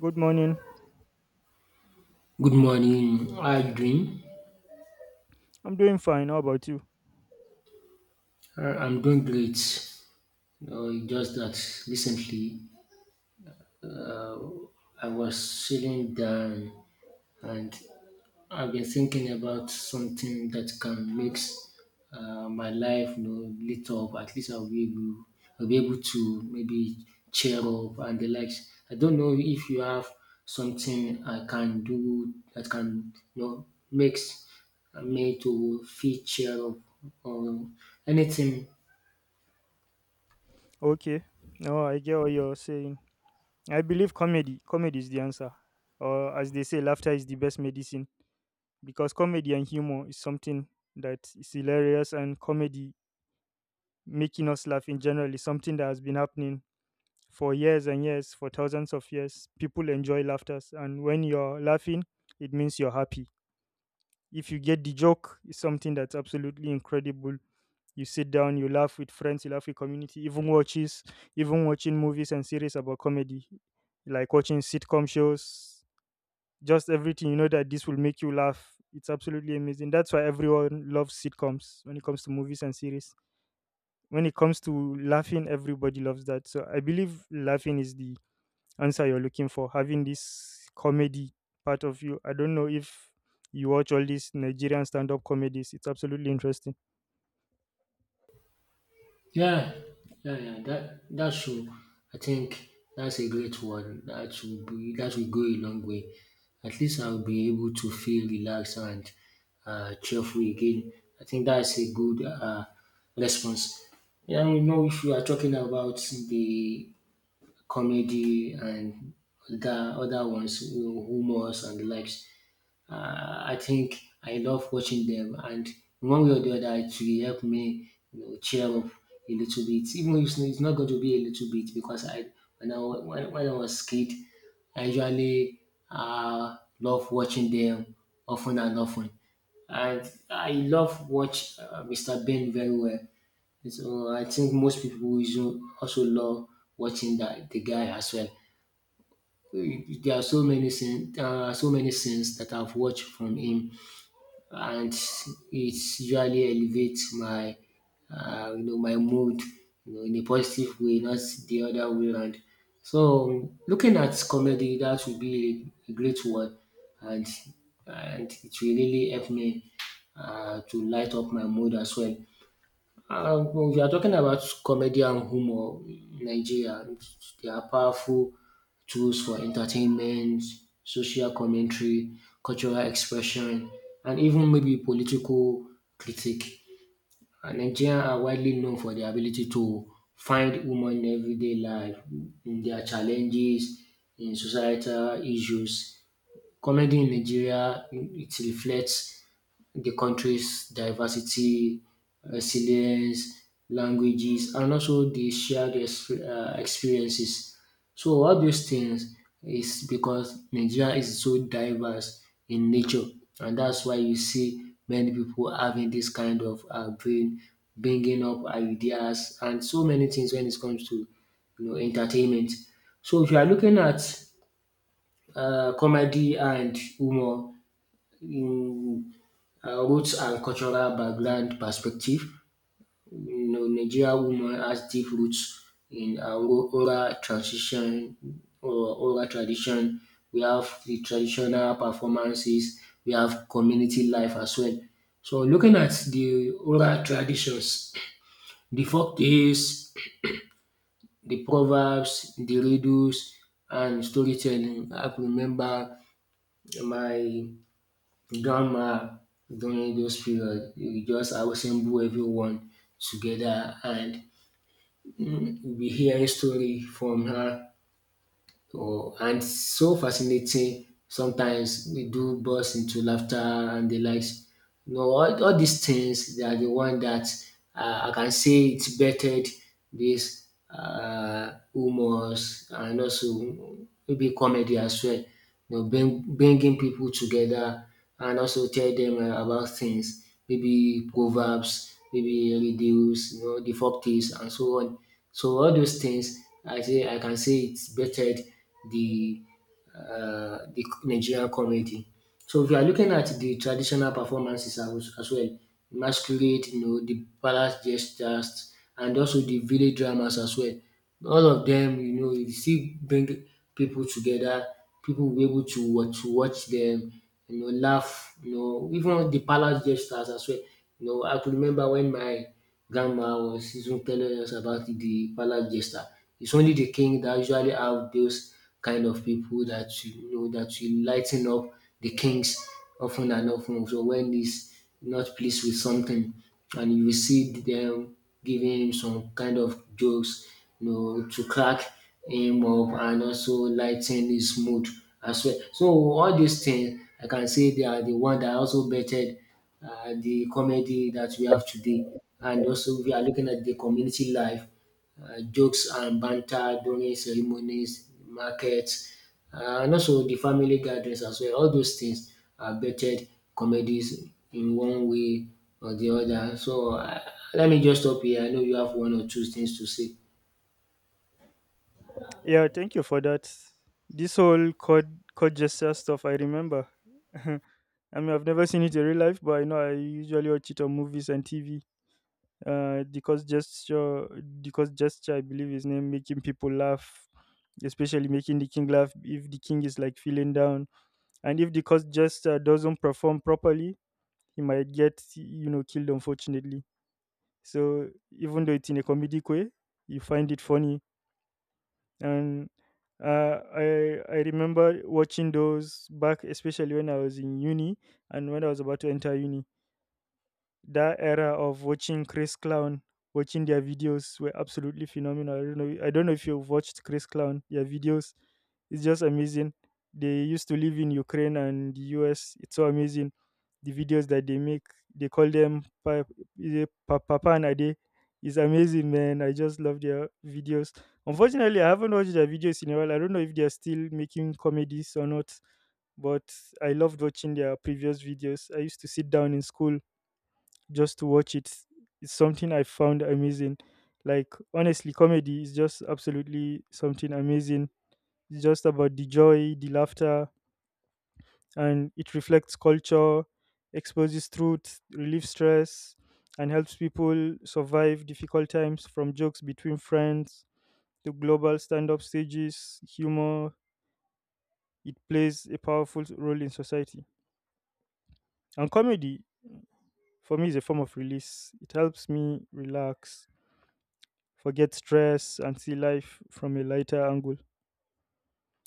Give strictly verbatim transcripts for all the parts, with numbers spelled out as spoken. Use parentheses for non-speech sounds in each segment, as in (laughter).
Good morning. Good morning. How are you doing? I'm doing fine. How about you? Uh, I'm doing great. No, it's just that recently I was sitting down and I've been thinking about something that can make uh, my life, you know, lit up. At least I'll be able, I'll be able to maybe cheer up and the likes. I don't know if you have something I can do that can, you know makes me to feel cheer up or anything. Okay. No, I get what you're saying. I believe comedy. Comedy is the answer. Or as they say, laughter is the best medicine. Because comedy and humor is something that is hilarious, and comedy making us laugh in general is something that has been happening for years and years, for thousands of years. People enjoy laughters, and when you're laughing, it means you're happy. If you get the joke, it's something that's absolutely incredible. You sit down, you laugh with friends, you laugh with community, even watches, even watching movies and series about comedy, like watching sitcom shows, just everything. You know that this will make you laugh. It's absolutely amazing. That's why everyone loves sitcoms when it comes to movies and series. When it comes to laughing, everybody loves that. So I believe laughing is the answer you're looking for, having this comedy part of you. I don't know if you watch all these Nigerian stand up comedies, it's absolutely interesting. Yeah, yeah, yeah. That that should, I think, that's a great one. That will be that will go a long way. At least I'll be able to feel relaxed and uh, cheerful again. I think that's a good uh, response. Yeah, you know, if you are talking about the comedy and the other ones, you know, humors and the likes, uh, I think I love watching them, and in one way or the other, it will help me, you know, cheer up a little bit. Even if it's it's not going to be a little bit, because I when I wa- when, when I was kid, I usually uh, love watching them often and often, and I love watch uh, Mister Bean very well. So I think most people will also love watching that the guy as well. There are so many scenes, uh, so many scenes that I've watched from him, and it usually elevates my uh, you know my mood, you know, in a positive way, not the other way around. So looking at comedy, that would be a great one, and and it will really help me uh, to light up my mood as well. Um, when we are talking about comedy and humor in Nigeria, they are powerful tools for entertainment, social commentary, cultural expression, and even maybe political critique. And Nigerians are widely known for their ability to find humor in everyday life, in their challenges, in societal issues. Comedy in Nigeria, it reflects the country's diversity, resilience, languages, and also the shared ex- uh, experiences. So all those things is because Nigeria is so diverse in nature, and that's why you see many people having this kind of uh, brain, bringing up ideas and so many things when it comes to, you know, entertainment. So if you are looking at uh, comedy and humor, you, uh, roots and cultural background perspective. You know, Nigeria woman has deep roots in uh, ru- rural transition or oral tradition. We have the traditional performances. We have community life as well. So looking at the oral traditions, the folk tales, the proverbs, the riddles, and storytelling. I could remember my grandma during those period you just assemble everyone together, and mm, you'll be hearing story from her or and so fascinating, sometimes we do burst into laughter and the likes. You know, all, all these things, they are the one that uh, I can say it bettered this uh, humors and also, mm, maybe comedy as well, you know, bring, bringing people together and also tell them uh, about things, maybe proverbs, maybe riddles, you know, the folk tales and so on. So all those things, I say I can say it's better the uh, the Nigerian community. So if you are looking at the traditional performances as, as well, masquerade, you know, the palace gestures, and also the village dramas as well. All of them, you know, you still bring people together. People will be able to watch, to watch them, you know, laugh, you know, even the palace gestures as well. You know, I could remember when my grandma or season telling us about the palace jester. It's only the king that usually have those kind of people that, you know, that will lighten up the kings often and often. So when he's not pleased with something, and you will see them giving him some kind of jokes, you know, to crack him up and also lighten his mood as well. So all these things, I can say they are the one that also bettered uh, the comedy that we have today. And also, we are looking at the community life, uh, jokes and banter during ceremonies, markets, uh, and also the family gatherings as well. All those things are bettered comedies in one way or the other. So, uh, let me just stop here. I know you have one or two things to say. Yeah, thank you for that. This whole code code gesture stuff, I remember. (laughs) I mean, I've never seen it in real life, but I know I usually watch it on movies and T V. uh, because gesture because gesture I believe his name making people laugh, especially making the king laugh if the king is like feeling down. And if the cause gesture doesn't perform properly, he might get, you know, killed, unfortunately. So even though it's in a comedic way, you find it funny. And uh, I I remember watching those back, especially when I was in uni and when I was about to enter uni. That era of watching Chris Clown, watching their videos were absolutely phenomenal. I don't know. I don't know if you've watched Chris Clown. Their videos, it's just amazing. They used to live in Ukraine and the U S. It's so amazing. The videos that they make, they call them Pa- is it Pa- Papa and Ade. It's amazing, man. I just love their videos. Unfortunately, I haven't watched their videos in a while. I don't know if they are still making comedies or not, but I loved watching their previous videos. I used to sit down in school just to watch It is something I found amazing. Like honestly, comedy is just absolutely something amazing. It's just about the joy, the laughter, and it reflects culture, exposes truth, relieves stress, and helps people survive difficult times from jokes between friends to global stand-up stages. Humor, it plays a powerful role in society. And comedy for me is a form of release. It helps me relax, forget stress, and see life from a lighter angle.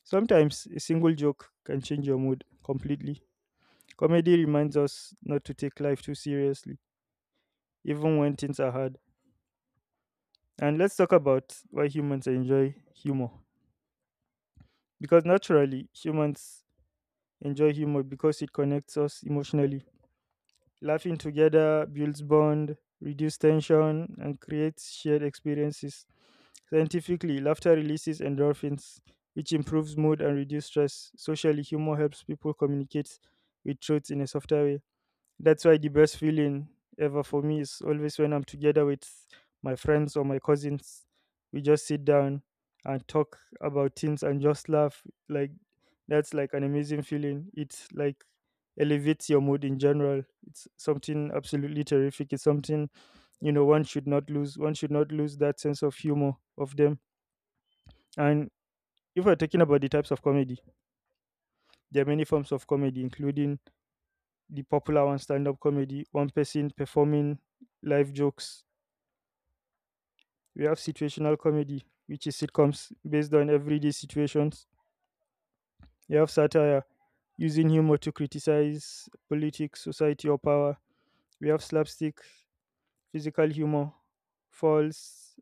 Sometimes a single joke can change your mood completely. Comedy reminds us not to take life too seriously, even when things are hard. And let's talk about why humans enjoy humor. Because naturally, humans enjoy humor because it connects us emotionally. Laughing together builds bond, reduces tension, and creates shared experiences. Scientifically, laughter releases endorphins, which improves mood and reduces stress. Socially, humor helps people communicate with truth in a softer way. That's why the best feeling ever for me is always when I'm together with my friends or my cousins. We just sit down and talk about things and just laugh. Like that's like an amazing feeling. It's like elevates your mood in general. It's something absolutely terrific. It's something, you know, one should not lose. One should not lose that sense of humor of them. And if we're talking about the types of comedy, there are many forms of comedy, including the popular one, stand up comedy, one person performing live jokes. We have situational comedy, which is sitcoms based on everyday situations. You have satire, using humor to criticize politics, society, or power. We have slapstick, physical humor, false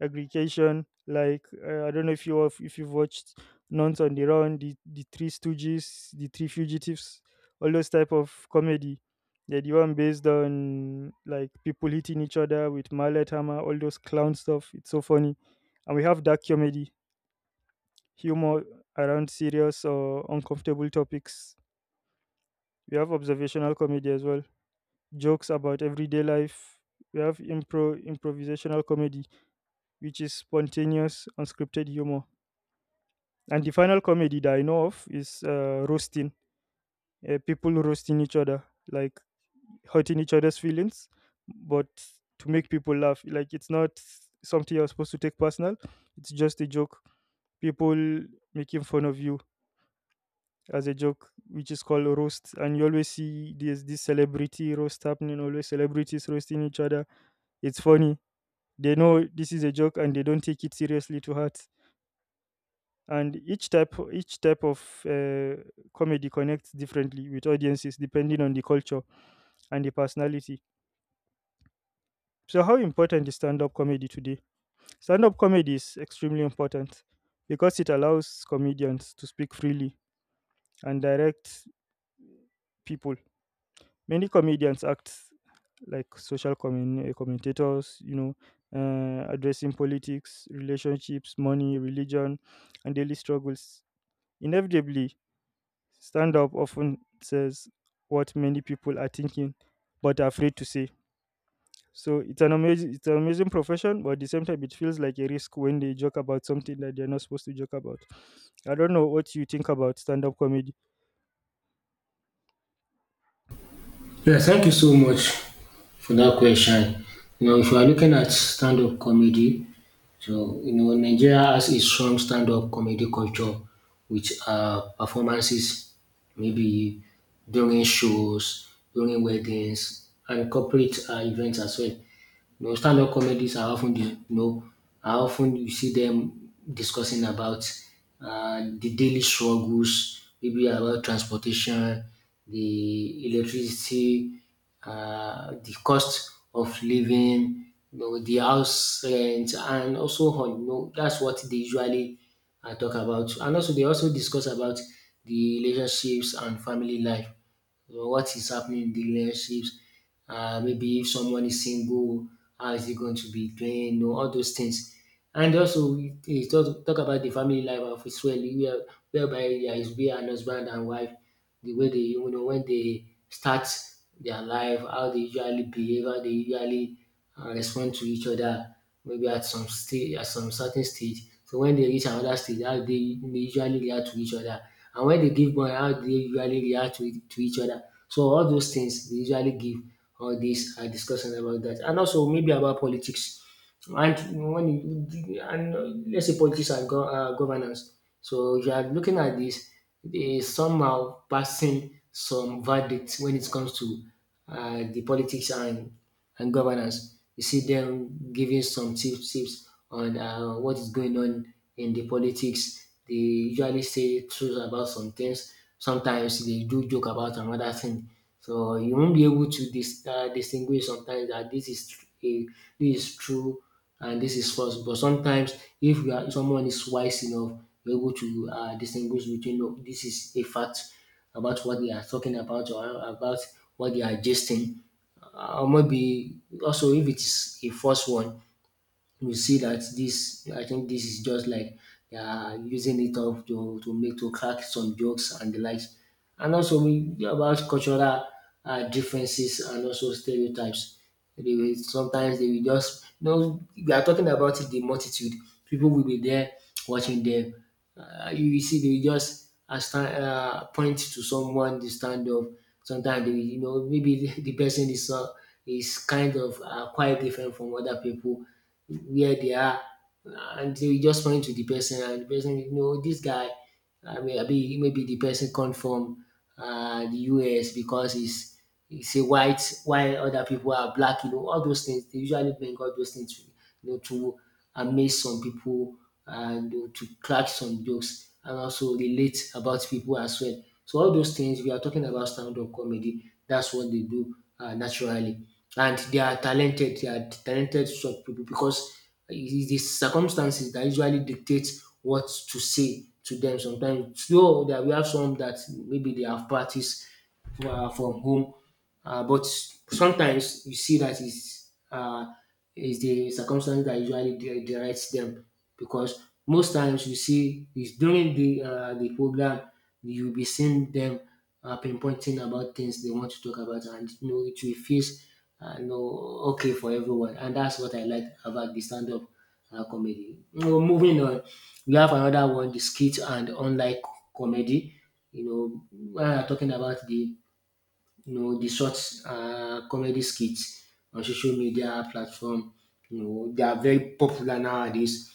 aggregation. Like, uh, I don't know if you have, if you've watched Nuns on the Run, the the Three Stooges, the Three Fugitives, all those type of comedy. Yeah, the one based on like people hitting each other with mallet hammer, all those clown stuff. It's so funny, and we have dark comedy, humor around serious or uncomfortable topics. We have observational comedy as well, jokes about everyday life. We have impro improvisational comedy, which is spontaneous, unscripted humor. And the final comedy that I know of is uh, roasting, uh, people roasting each other, like hurting each other's feelings, but to make people laugh. Like it's not something you're supposed to take personal. It's just a joke. People making fun of you as a joke, which is called a roast. And you always see there's this celebrity roast happening, always celebrities roasting each other. It's funny. They know this is a joke and they don't take it seriously to heart. And each type each type of uh, comedy connects differently with audiences depending on the culture and the personality. So how important is stand-up comedy today? Stand-up comedy is extremely important because it allows comedians to speak freely and direct people. Many comedians act like social commun- uh, commentators, you know, uh, addressing politics, relationships, money, religion, and daily struggles. Inevitably, stand up often says what many people are thinking but are afraid to say. So it's an amazing, it's an amazing profession, but at the same time it feels like a risk when they joke about something that they're not supposed to joke about. I don't know what you think about stand up comedy. Yeah, thank you so much for that question. You know, if you are looking at stand-up comedy, so you know, Nigeria has a strong stand-up comedy culture with uh, performances, maybe during shows, during weddings, and corporate uh, events as well. You know, stand up comedies are often, dis- you know, are often you see them discussing about uh, the daily struggles, maybe about transportation, the electricity, uh, the cost of living, you know, the house rent, and also on. You know, that's what they usually uh, talk about, and also they also discuss about the relationships and family life. So what is happening in the relationships? Uh, maybe if someone is single, how is he going to be doing? You know, all those things. And also, we we talk, talk about the family life of Israel, where- whereby there is be an husband and wife, the way they, you know, when they start their life, how they usually behave, how they usually uh, respond to each other, maybe at some stage, at some certain stage. So when they reach another stage, how they, they usually react to each other, and when they give birth, how they usually react to, to each other. So all those things they usually give all these uh, discussion about that, and also maybe about politics and when you and let's say politics and go, uh, governance, so you are looking at this, they somehow passing some verdicts when it comes to uh, the politics and and governance. You see them giving some tips, tips on uh, what is going on in the politics. They usually say truth about some things. Sometimes they do joke about another thing. So you won't be able to dis- uh, distinguish sometimes that this is tr- a this is true and this is false. But sometimes if you are someone is wise enough, you're able to uh, distinguish between "No, this is a fact about what they are talking about or about what they are gesting. Uh, or maybe also if it is a false one, you see that this, I think this is just like they are using it up to, to make to crack some jokes and the likes. And also we about cultural uh, differences and also stereotypes. They will, sometimes they will just, you know, we are talking about the multitude. People will be there watching them. Uh, you will see they will just uh, stand, uh, point to someone to stand up. Sometimes they will, you know, maybe (laughs) the person is uh, is kind of uh, quite different from other people where they are, and you just point to the person and the person, you know, this guy, I mean, maybe maybe the person come from um the U S because he's he's a white while other people are black. You know, all those things, they usually bring all those things to, you know, to amaze some people and, you know, to crack some jokes and also relate about people as well. So all those things we are talking about stand-up comedy. That's what they do uh, naturally, and they are talented. They are talented sort of people because it is the circumstances that usually dictate what to say to them. Sometimes, though, that we have some that maybe they have practiced uh, from home, uh, but sometimes you see that is uh, is the circumstance that usually de- derides them because most times you see is during the uh, the program you'll be seeing them uh, pinpointing about things they want to talk about, and you know it will feel uh, you know, okay for everyone, and that's what I like about the stand-up uh, comedy. Now, moving on, we have another one, the skit and online comedy. You know, when I'm talking about the you know the short uh, comedy skits on social media platform, you know they are very popular nowadays.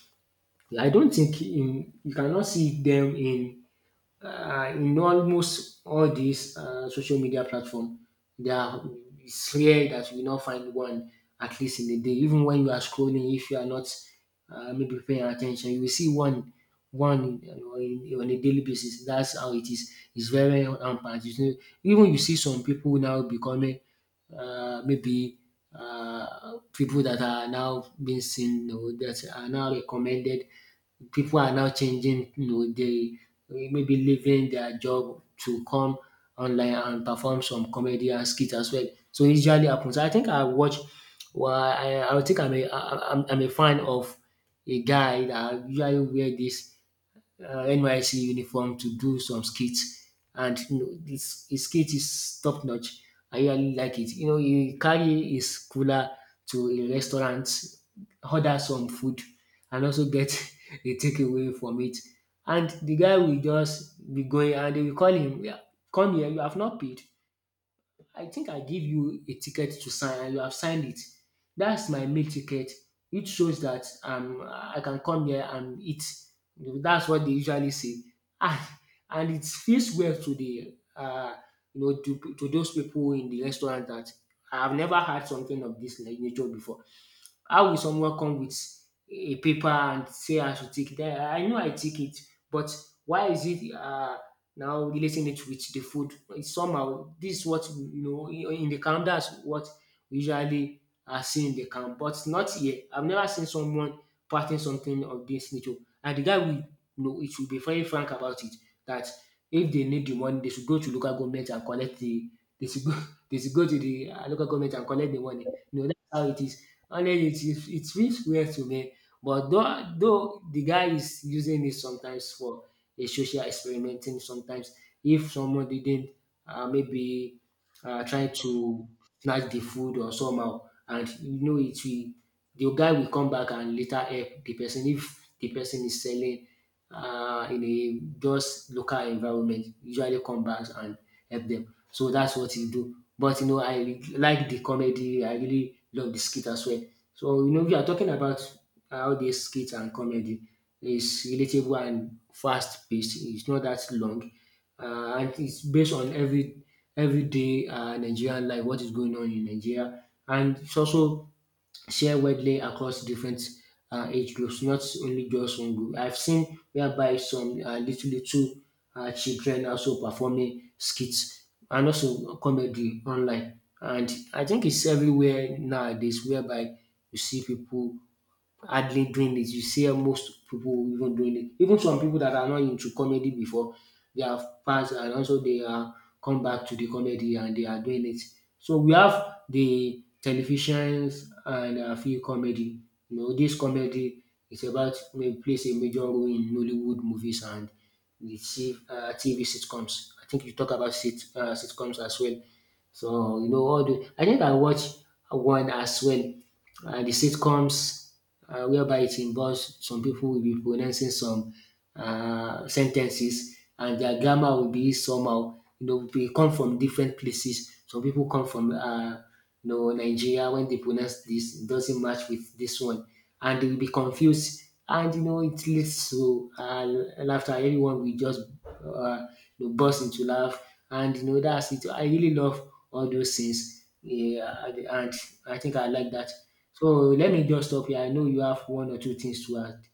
I don't think in, You cannot see them in uh, in almost all these uh, social media platform, there are, it's rare that you will not find one at least in a day. Even when you are scrolling, if you are not uh, maybe paying attention, you will see one one on on a daily basis. That's how it is. It's very rampant. You know, even you see some people now becoming uh, maybe uh, people that are now being seen or that are now recommended, people are now changing, you know, they maybe leaving their job to come online and perform some comedy and skit as well. So it usually happens. I think I watch. Well, I, I think I'm a I, I'm I'm a fan of a guy that usually wear this uh, N Y C uniform to do some skits, and you know, this his skit is top notch. I really like it. You know, he carry his cooler to a restaurant, order some food, and also get (laughs) a takeaway from it. And the guy will just be going, and they will call him, "Yeah, come here, you have not paid. I think I give you a ticket to sign and you have signed it. That's my meal ticket, which shows that um I can come here and eat." That's what they usually say. And, and it feels well to the uh you know to, to those people in the restaurant that I have never had something of this nature before. How will someone come with a paper and say I should take that? I know I take it, but why is it uh, now relating it with the food? It's somehow. This is what you know in the camp. That's what we usually are seeing in the camp, but not here. I've never seen someone parting something of this nature, and the guy will, you know it should be very frank about it that if they need the money, they should go to local government and collect the they should go (laughs) they should go to the uh, local government and collect the money. You know, that's how it is. And then it, it, it feels weird to me. But though, though the guy is using it sometimes for a social experimenting. Sometimes if someone didn't uh, maybe uh, try to snatch the food or somehow, and you know it will the guy will come back and later help the person. If the person is selling uh, in a just local environment, usually come back and help them. So that's what he do. But you know I like the comedy. I really love the skit as well. So you know, we are talking about how this skit and comedy is relatable and fast paced. It's not that long, uh, and it's based on every everyday uh, Nigerian life, what is going on in Nigeria, and it's also share widely across different uh, age groups, not only just one group. I've seen whereby some uh, little little uh, children also performing skits and also comedy online. And I think it's everywhere nowadays, whereby you see people hardly doing it. You see most people even doing it. Even some people that are not into comedy before, they have passed and also they are come back to the comedy and they are doing it. So we have the televisions and a few comedy. You know, this comedy is about may plays a major role in Nollywood movies and the T V, uh, T V sitcoms. I think you talk about sit, uh, sitcoms as well. So you know all the, I think I watched one as well, uh, the sitcoms, uh, whereby it involves some people will be pronouncing some uh, sentences, and their grammar will be somehow. you know they come from different places. Some people come from uh, no, Nigeria. When they pronounce this, it doesn't match with this one. And they will be confused. And, you know, it leads to uh, laughter. Everyone will just uh, you know, burst into laugh. And, you know, that's it. I really love all those things. Yeah, and and I think I like that. So let me just stop here. I know you have one or two things to add.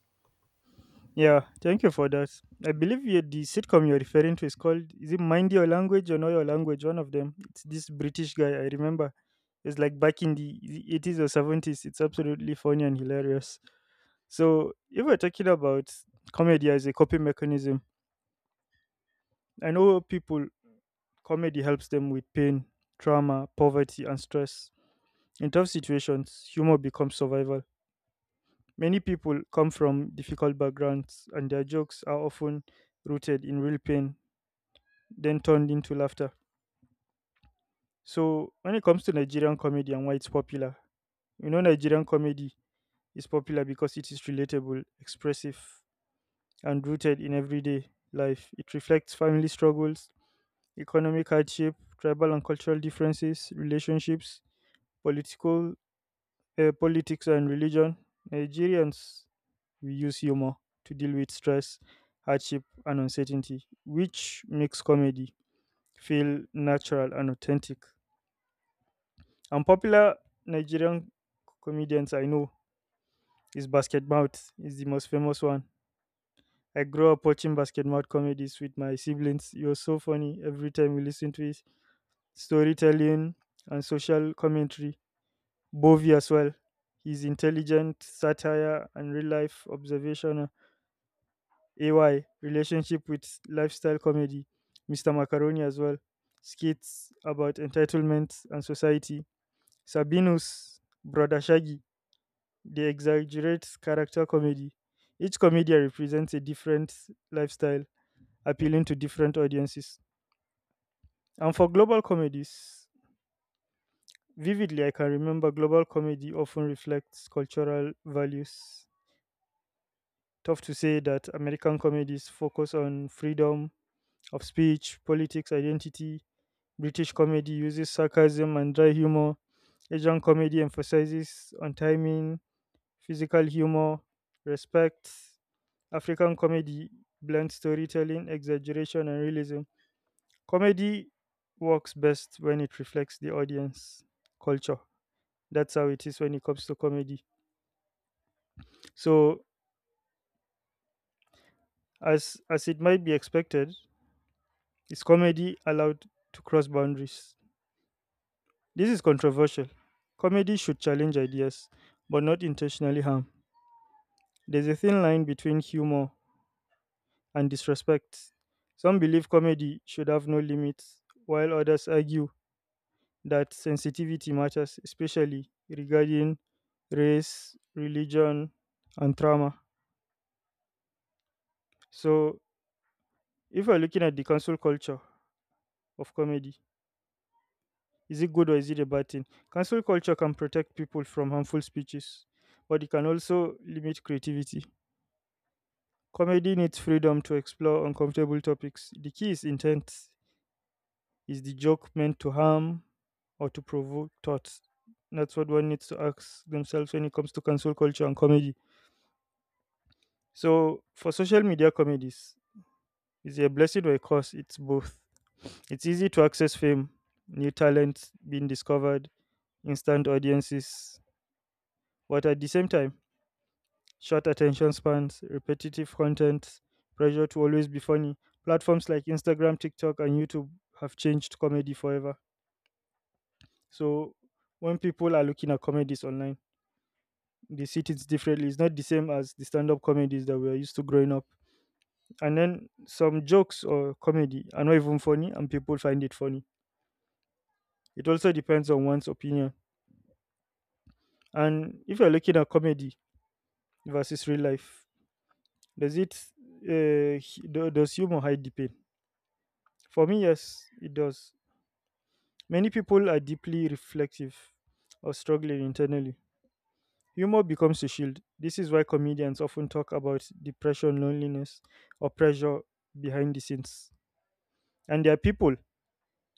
Yeah, thank you for that. I believe you, the sitcom you're referring to is called, is it Mind Your Language or Know Your Language? One of them. It's this British guy, I remember. It's like back in the eighties or seventies. It's absolutely funny and hilarious. So if we're talking about comedy as a coping mechanism, I know people, comedy helps them with pain, trauma, poverty, and stress. In tough situations, humor becomes survival. Many people come from difficult backgrounds, and their jokes are often rooted in real pain, then turned into laughter. So when it comes to Nigerian comedy and why it's popular, you know, Nigerian comedy is popular because it is relatable, expressive, and rooted in everyday life. It reflects family struggles, economic hardship, tribal and cultural differences, relationships, political uh, politics and religion. Nigerians, we use humor to deal with stress, hardship, and uncertainty, which makes comedy feel natural and authentic. And popular Nigerian comedians I know is, Basket Mouth is the most famous one. I grew up watching Basket Mouth comedies with my siblings. It was so funny every time we listened to it. Storytelling and social commentary, Bovey as well. His intelligent satire and real life observation. A Y, relationship with lifestyle comedy. Mister Macaroni as well. Skits about entitlement and society. Sabinus, Brother Shaggy. They exaggerate character comedy. Each comedian represents a different lifestyle, appealing to different audiences. And for global comedies, vividly I can remember global comedy often reflects cultural values. Tough to say that American comedies focus on freedom of speech, politics, identity. British comedy uses sarcasm and dry humor. Asian comedy emphasizes on timing, physical humor, respect. African comedy blends storytelling, exaggeration, and realism. Comedy works best when it reflects the audience culture. That's how it is when it comes to comedy. So, as as it might be expected, is comedy allowed to cross boundaries? This is controversial. Comedy should challenge ideas, but not intentionally harm. There's a thin line between humor and disrespect. Some believe comedy should have no limits, while others argue that sensitivity matters, especially regarding race, religion, and trauma. So, if we're looking at the cancel culture of comedy, is it good or is it a bad thing? Cancel culture can protect people from harmful speeches, but it can also limit creativity. Comedy needs freedom to explore uncomfortable topics. The key is intent. Is the joke meant to harm or to provoke thoughts? That's what one needs to ask themselves when it comes to cancel culture and comedy. So, for social media comedies, is it a blessing or a curse? It's both. It's easy to access fame, new talent being discovered, instant audiences, but at the same time, short attention spans, repetitive content, pressure to always be funny. Platforms like Instagram, TikTok, and YouTube have changed comedy forever. So when people are looking at comedies online, they see things differently. It's not the same as the stand up comedies that we are used to growing up. And then some jokes or comedy are not even funny, and people find it funny. It also depends on one's opinion. And if you're looking at comedy versus real life, does it, uh, hu- do- does humor hide the pain? For me, yes, it does. Many people are deeply reflective or struggling internally. Humor becomes a shield. This is why comedians often talk about depression, loneliness, or pressure behind the scenes. And there are people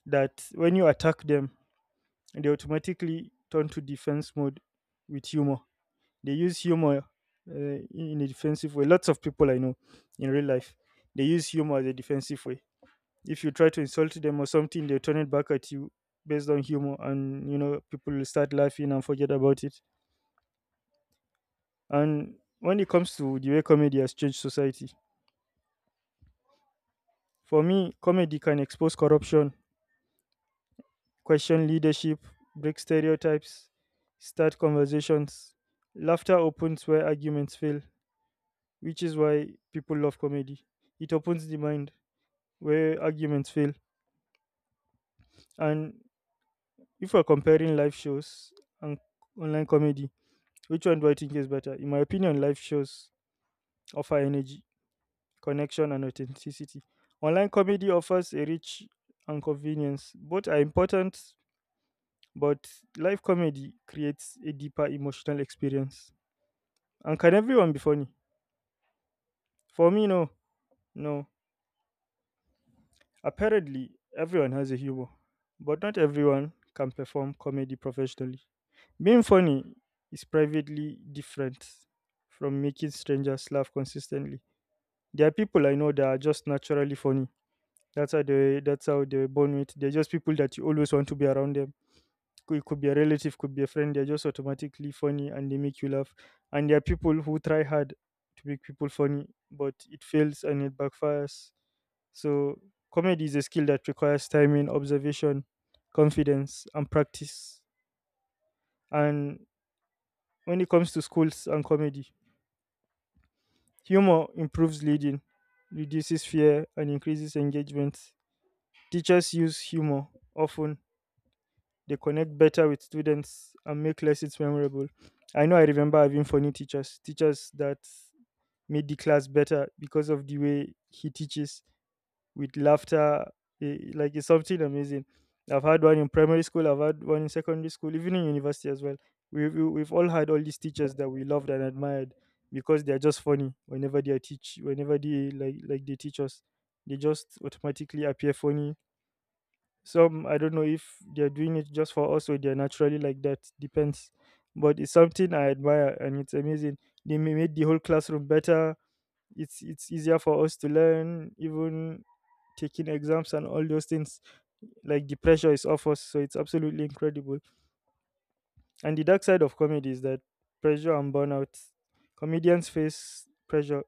that, when you attack them, they automatically turn to defense mode with humor. They use humor uh, in in a defensive way. Lots of people I know in real life, they use humor as a defensive way. If you try to insult them or something, they turn it back at you based on humor, and you know people will start laughing and forget about it. And when it comes to the way comedy has changed society, for me, comedy can expose corruption, question leadership, break stereotypes, start conversations. Laughter opens where arguments fail, which is why people love comedy. It opens the mind where arguments fail. And if we're comparing live shows and online comedy, which one do I think is better? In my opinion, live shows offer energy, connection, and authenticity. Online comedy offers a reach and convenience. Both are important, but live comedy creates a deeper emotional experience. And can everyone be funny? For me, no. No. Apparently, everyone has a humor, but not everyone can perform comedy professionally. Being funny is privately different from making strangers laugh consistently. There are people I know that are just naturally funny. That's how they that's how they were born with. They're just people that you always want to be around them. Could- It could be a relative, could be a friend. They're just automatically funny and they make you laugh. And there are people who try hard to make people funny, but it fails and it backfires. So comedy is a skill that requires timing, observation, confidence, and practice. And when it comes to schools and comedy, humor improves leading, reduces fear, and increases engagement. Teachers use humor often. They connect better with students and make lessons memorable. I know I remember having funny teachers, teachers that made the class better because of the way he teaches with laughter. eh, Like it's something amazing. I've had one in primary school, I've had one in secondary school, even in university as well. We've, we- we've all had all these teachers that we loved and admired because they're just funny whenever they are teach whenever they like like they teach us, they just automatically appear funny. Some I don't know if they're doing it just for us or they're naturally like that. Depends. But it's something I admire and it's amazing. They ma- made the whole classroom better. It's it's easier for us to learn, even taking exams and all those things. Like the pressure is off us, so it's absolutely incredible. And the dark side of comedy is that pressure and burnout. Comedians face pressure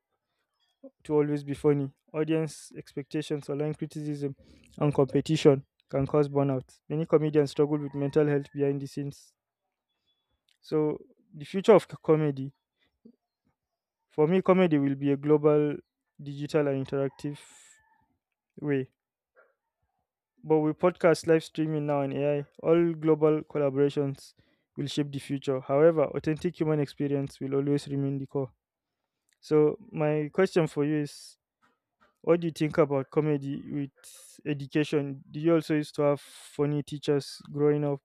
to always be funny. Audience expectations, online criticism, and competition can cause burnout. Many comedians struggle with mental health behind the scenes. So, the future of c- comedy, for me, comedy will be a global, digital, and interactive way. But with podcast, live streaming now, and A I, all global collaborations will shape the future. However, authentic human experience will always remain the core. So, my question for you is, what do you think about comedy with education? Did you also used to have funny teachers growing up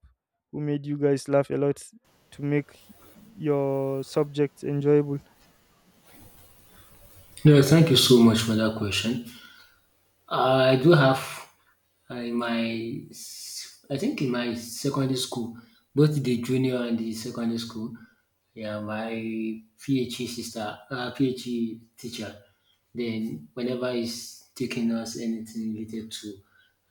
who made you guys laugh a lot to make your subjects enjoyable? Yeah, thank you so much for that question. I do have, uh, in my, s- I think in my secondary school, both the junior and the secondary school. Yeah, my PhD sister, uh, P H E teacher. Then whenever he's taking us anything related to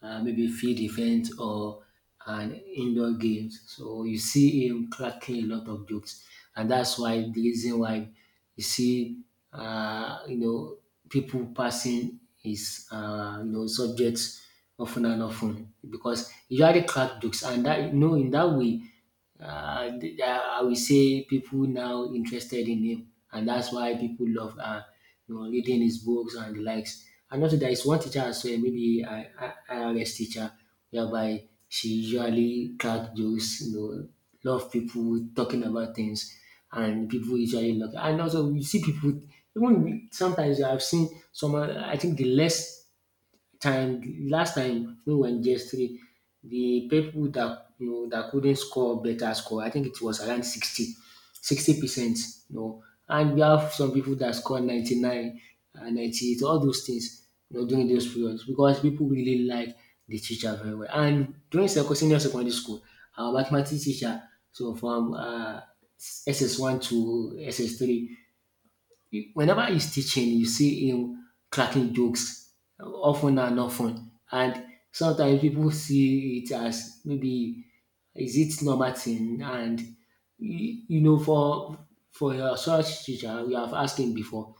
uh, maybe field event or an indoor games, so you see him cracking a lot of jokes, and that's why the reason why you see uh, you know people passing his uh, you know subjects often and often, because he usually crack jokes. And that, you know in that way, uh, th- I will say people now interested in him, and that's why people love, uh, you know, reading his books and the likes. And also, there is one teacher as well, maybe I I- IRS teacher, whereby she usually crack jokes, you know, love people talking about things, and people usually look. And also, you see people. Even sometimes I've seen someone, I think the less time last time when we were in G S three, the people that you know that couldn't score better score, I think it was around sixty sixty percent, you know. And we have some people that score ninety-nine and ninety-eight, all those things, you know, during those periods, because people really like the teacher very well. And during seco- senior secondary school, our mathematics teacher, so from uh, S S one to S S three, whenever he's teaching, you see him cracking jokes, often and often. And sometimes people see it as, maybe is it normal thing? And you, you know, for for your such teacher, we have asked him before,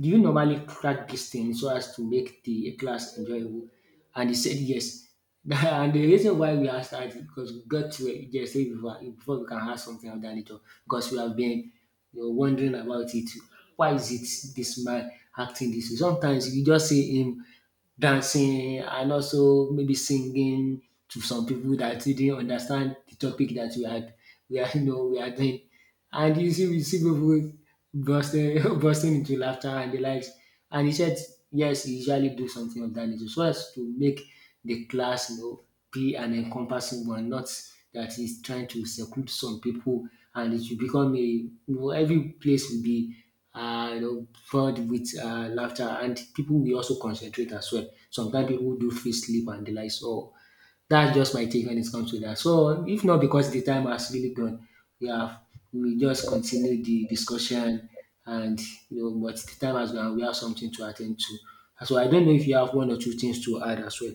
do you normally track these things so as to make the class enjoyable? And he said yes. (laughs) And the reason why we asked that is because we got to it just before, before we can ask something of that nature, because we have been, you know, wondering about it. Why is it this man acting this way? Sometimes you just see him dancing and also maybe singing to some people that didn't understand the topic that we had we are you know we are doing. And you see we see people bursting (laughs) bursting into laughter and the likes. And he said yes, he usually do something of that nature so as to make the class, you know be an encompassing one, not that he's trying to seclude some people, and it will become a you know every place will be uh, you know, filled with uh, laughter, and people will also concentrate as well. Sometimes people do feel sleep and the like. So that's just my take when it comes to that. So if not because the time has really gone, we have we just continue the discussion. And, you know, but the time has gone. We have something to attend to. So I don't know if you have one or two things to add as well.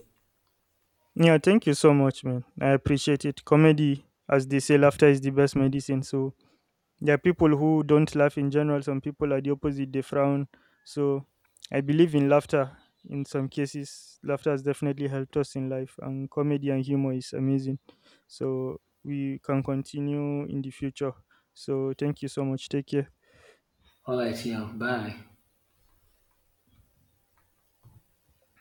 Yeah, thank you so much, man. I appreciate it. Comedy, as they say, laughter is the best medicine. So there are people who don't laugh in general, some people are the opposite, they frown. So I believe in laughter in some cases. Laughter has definitely helped us in life, and comedy and humor is amazing. So we can continue in the future. So thank you so much. Take care. All right, yeah, bye.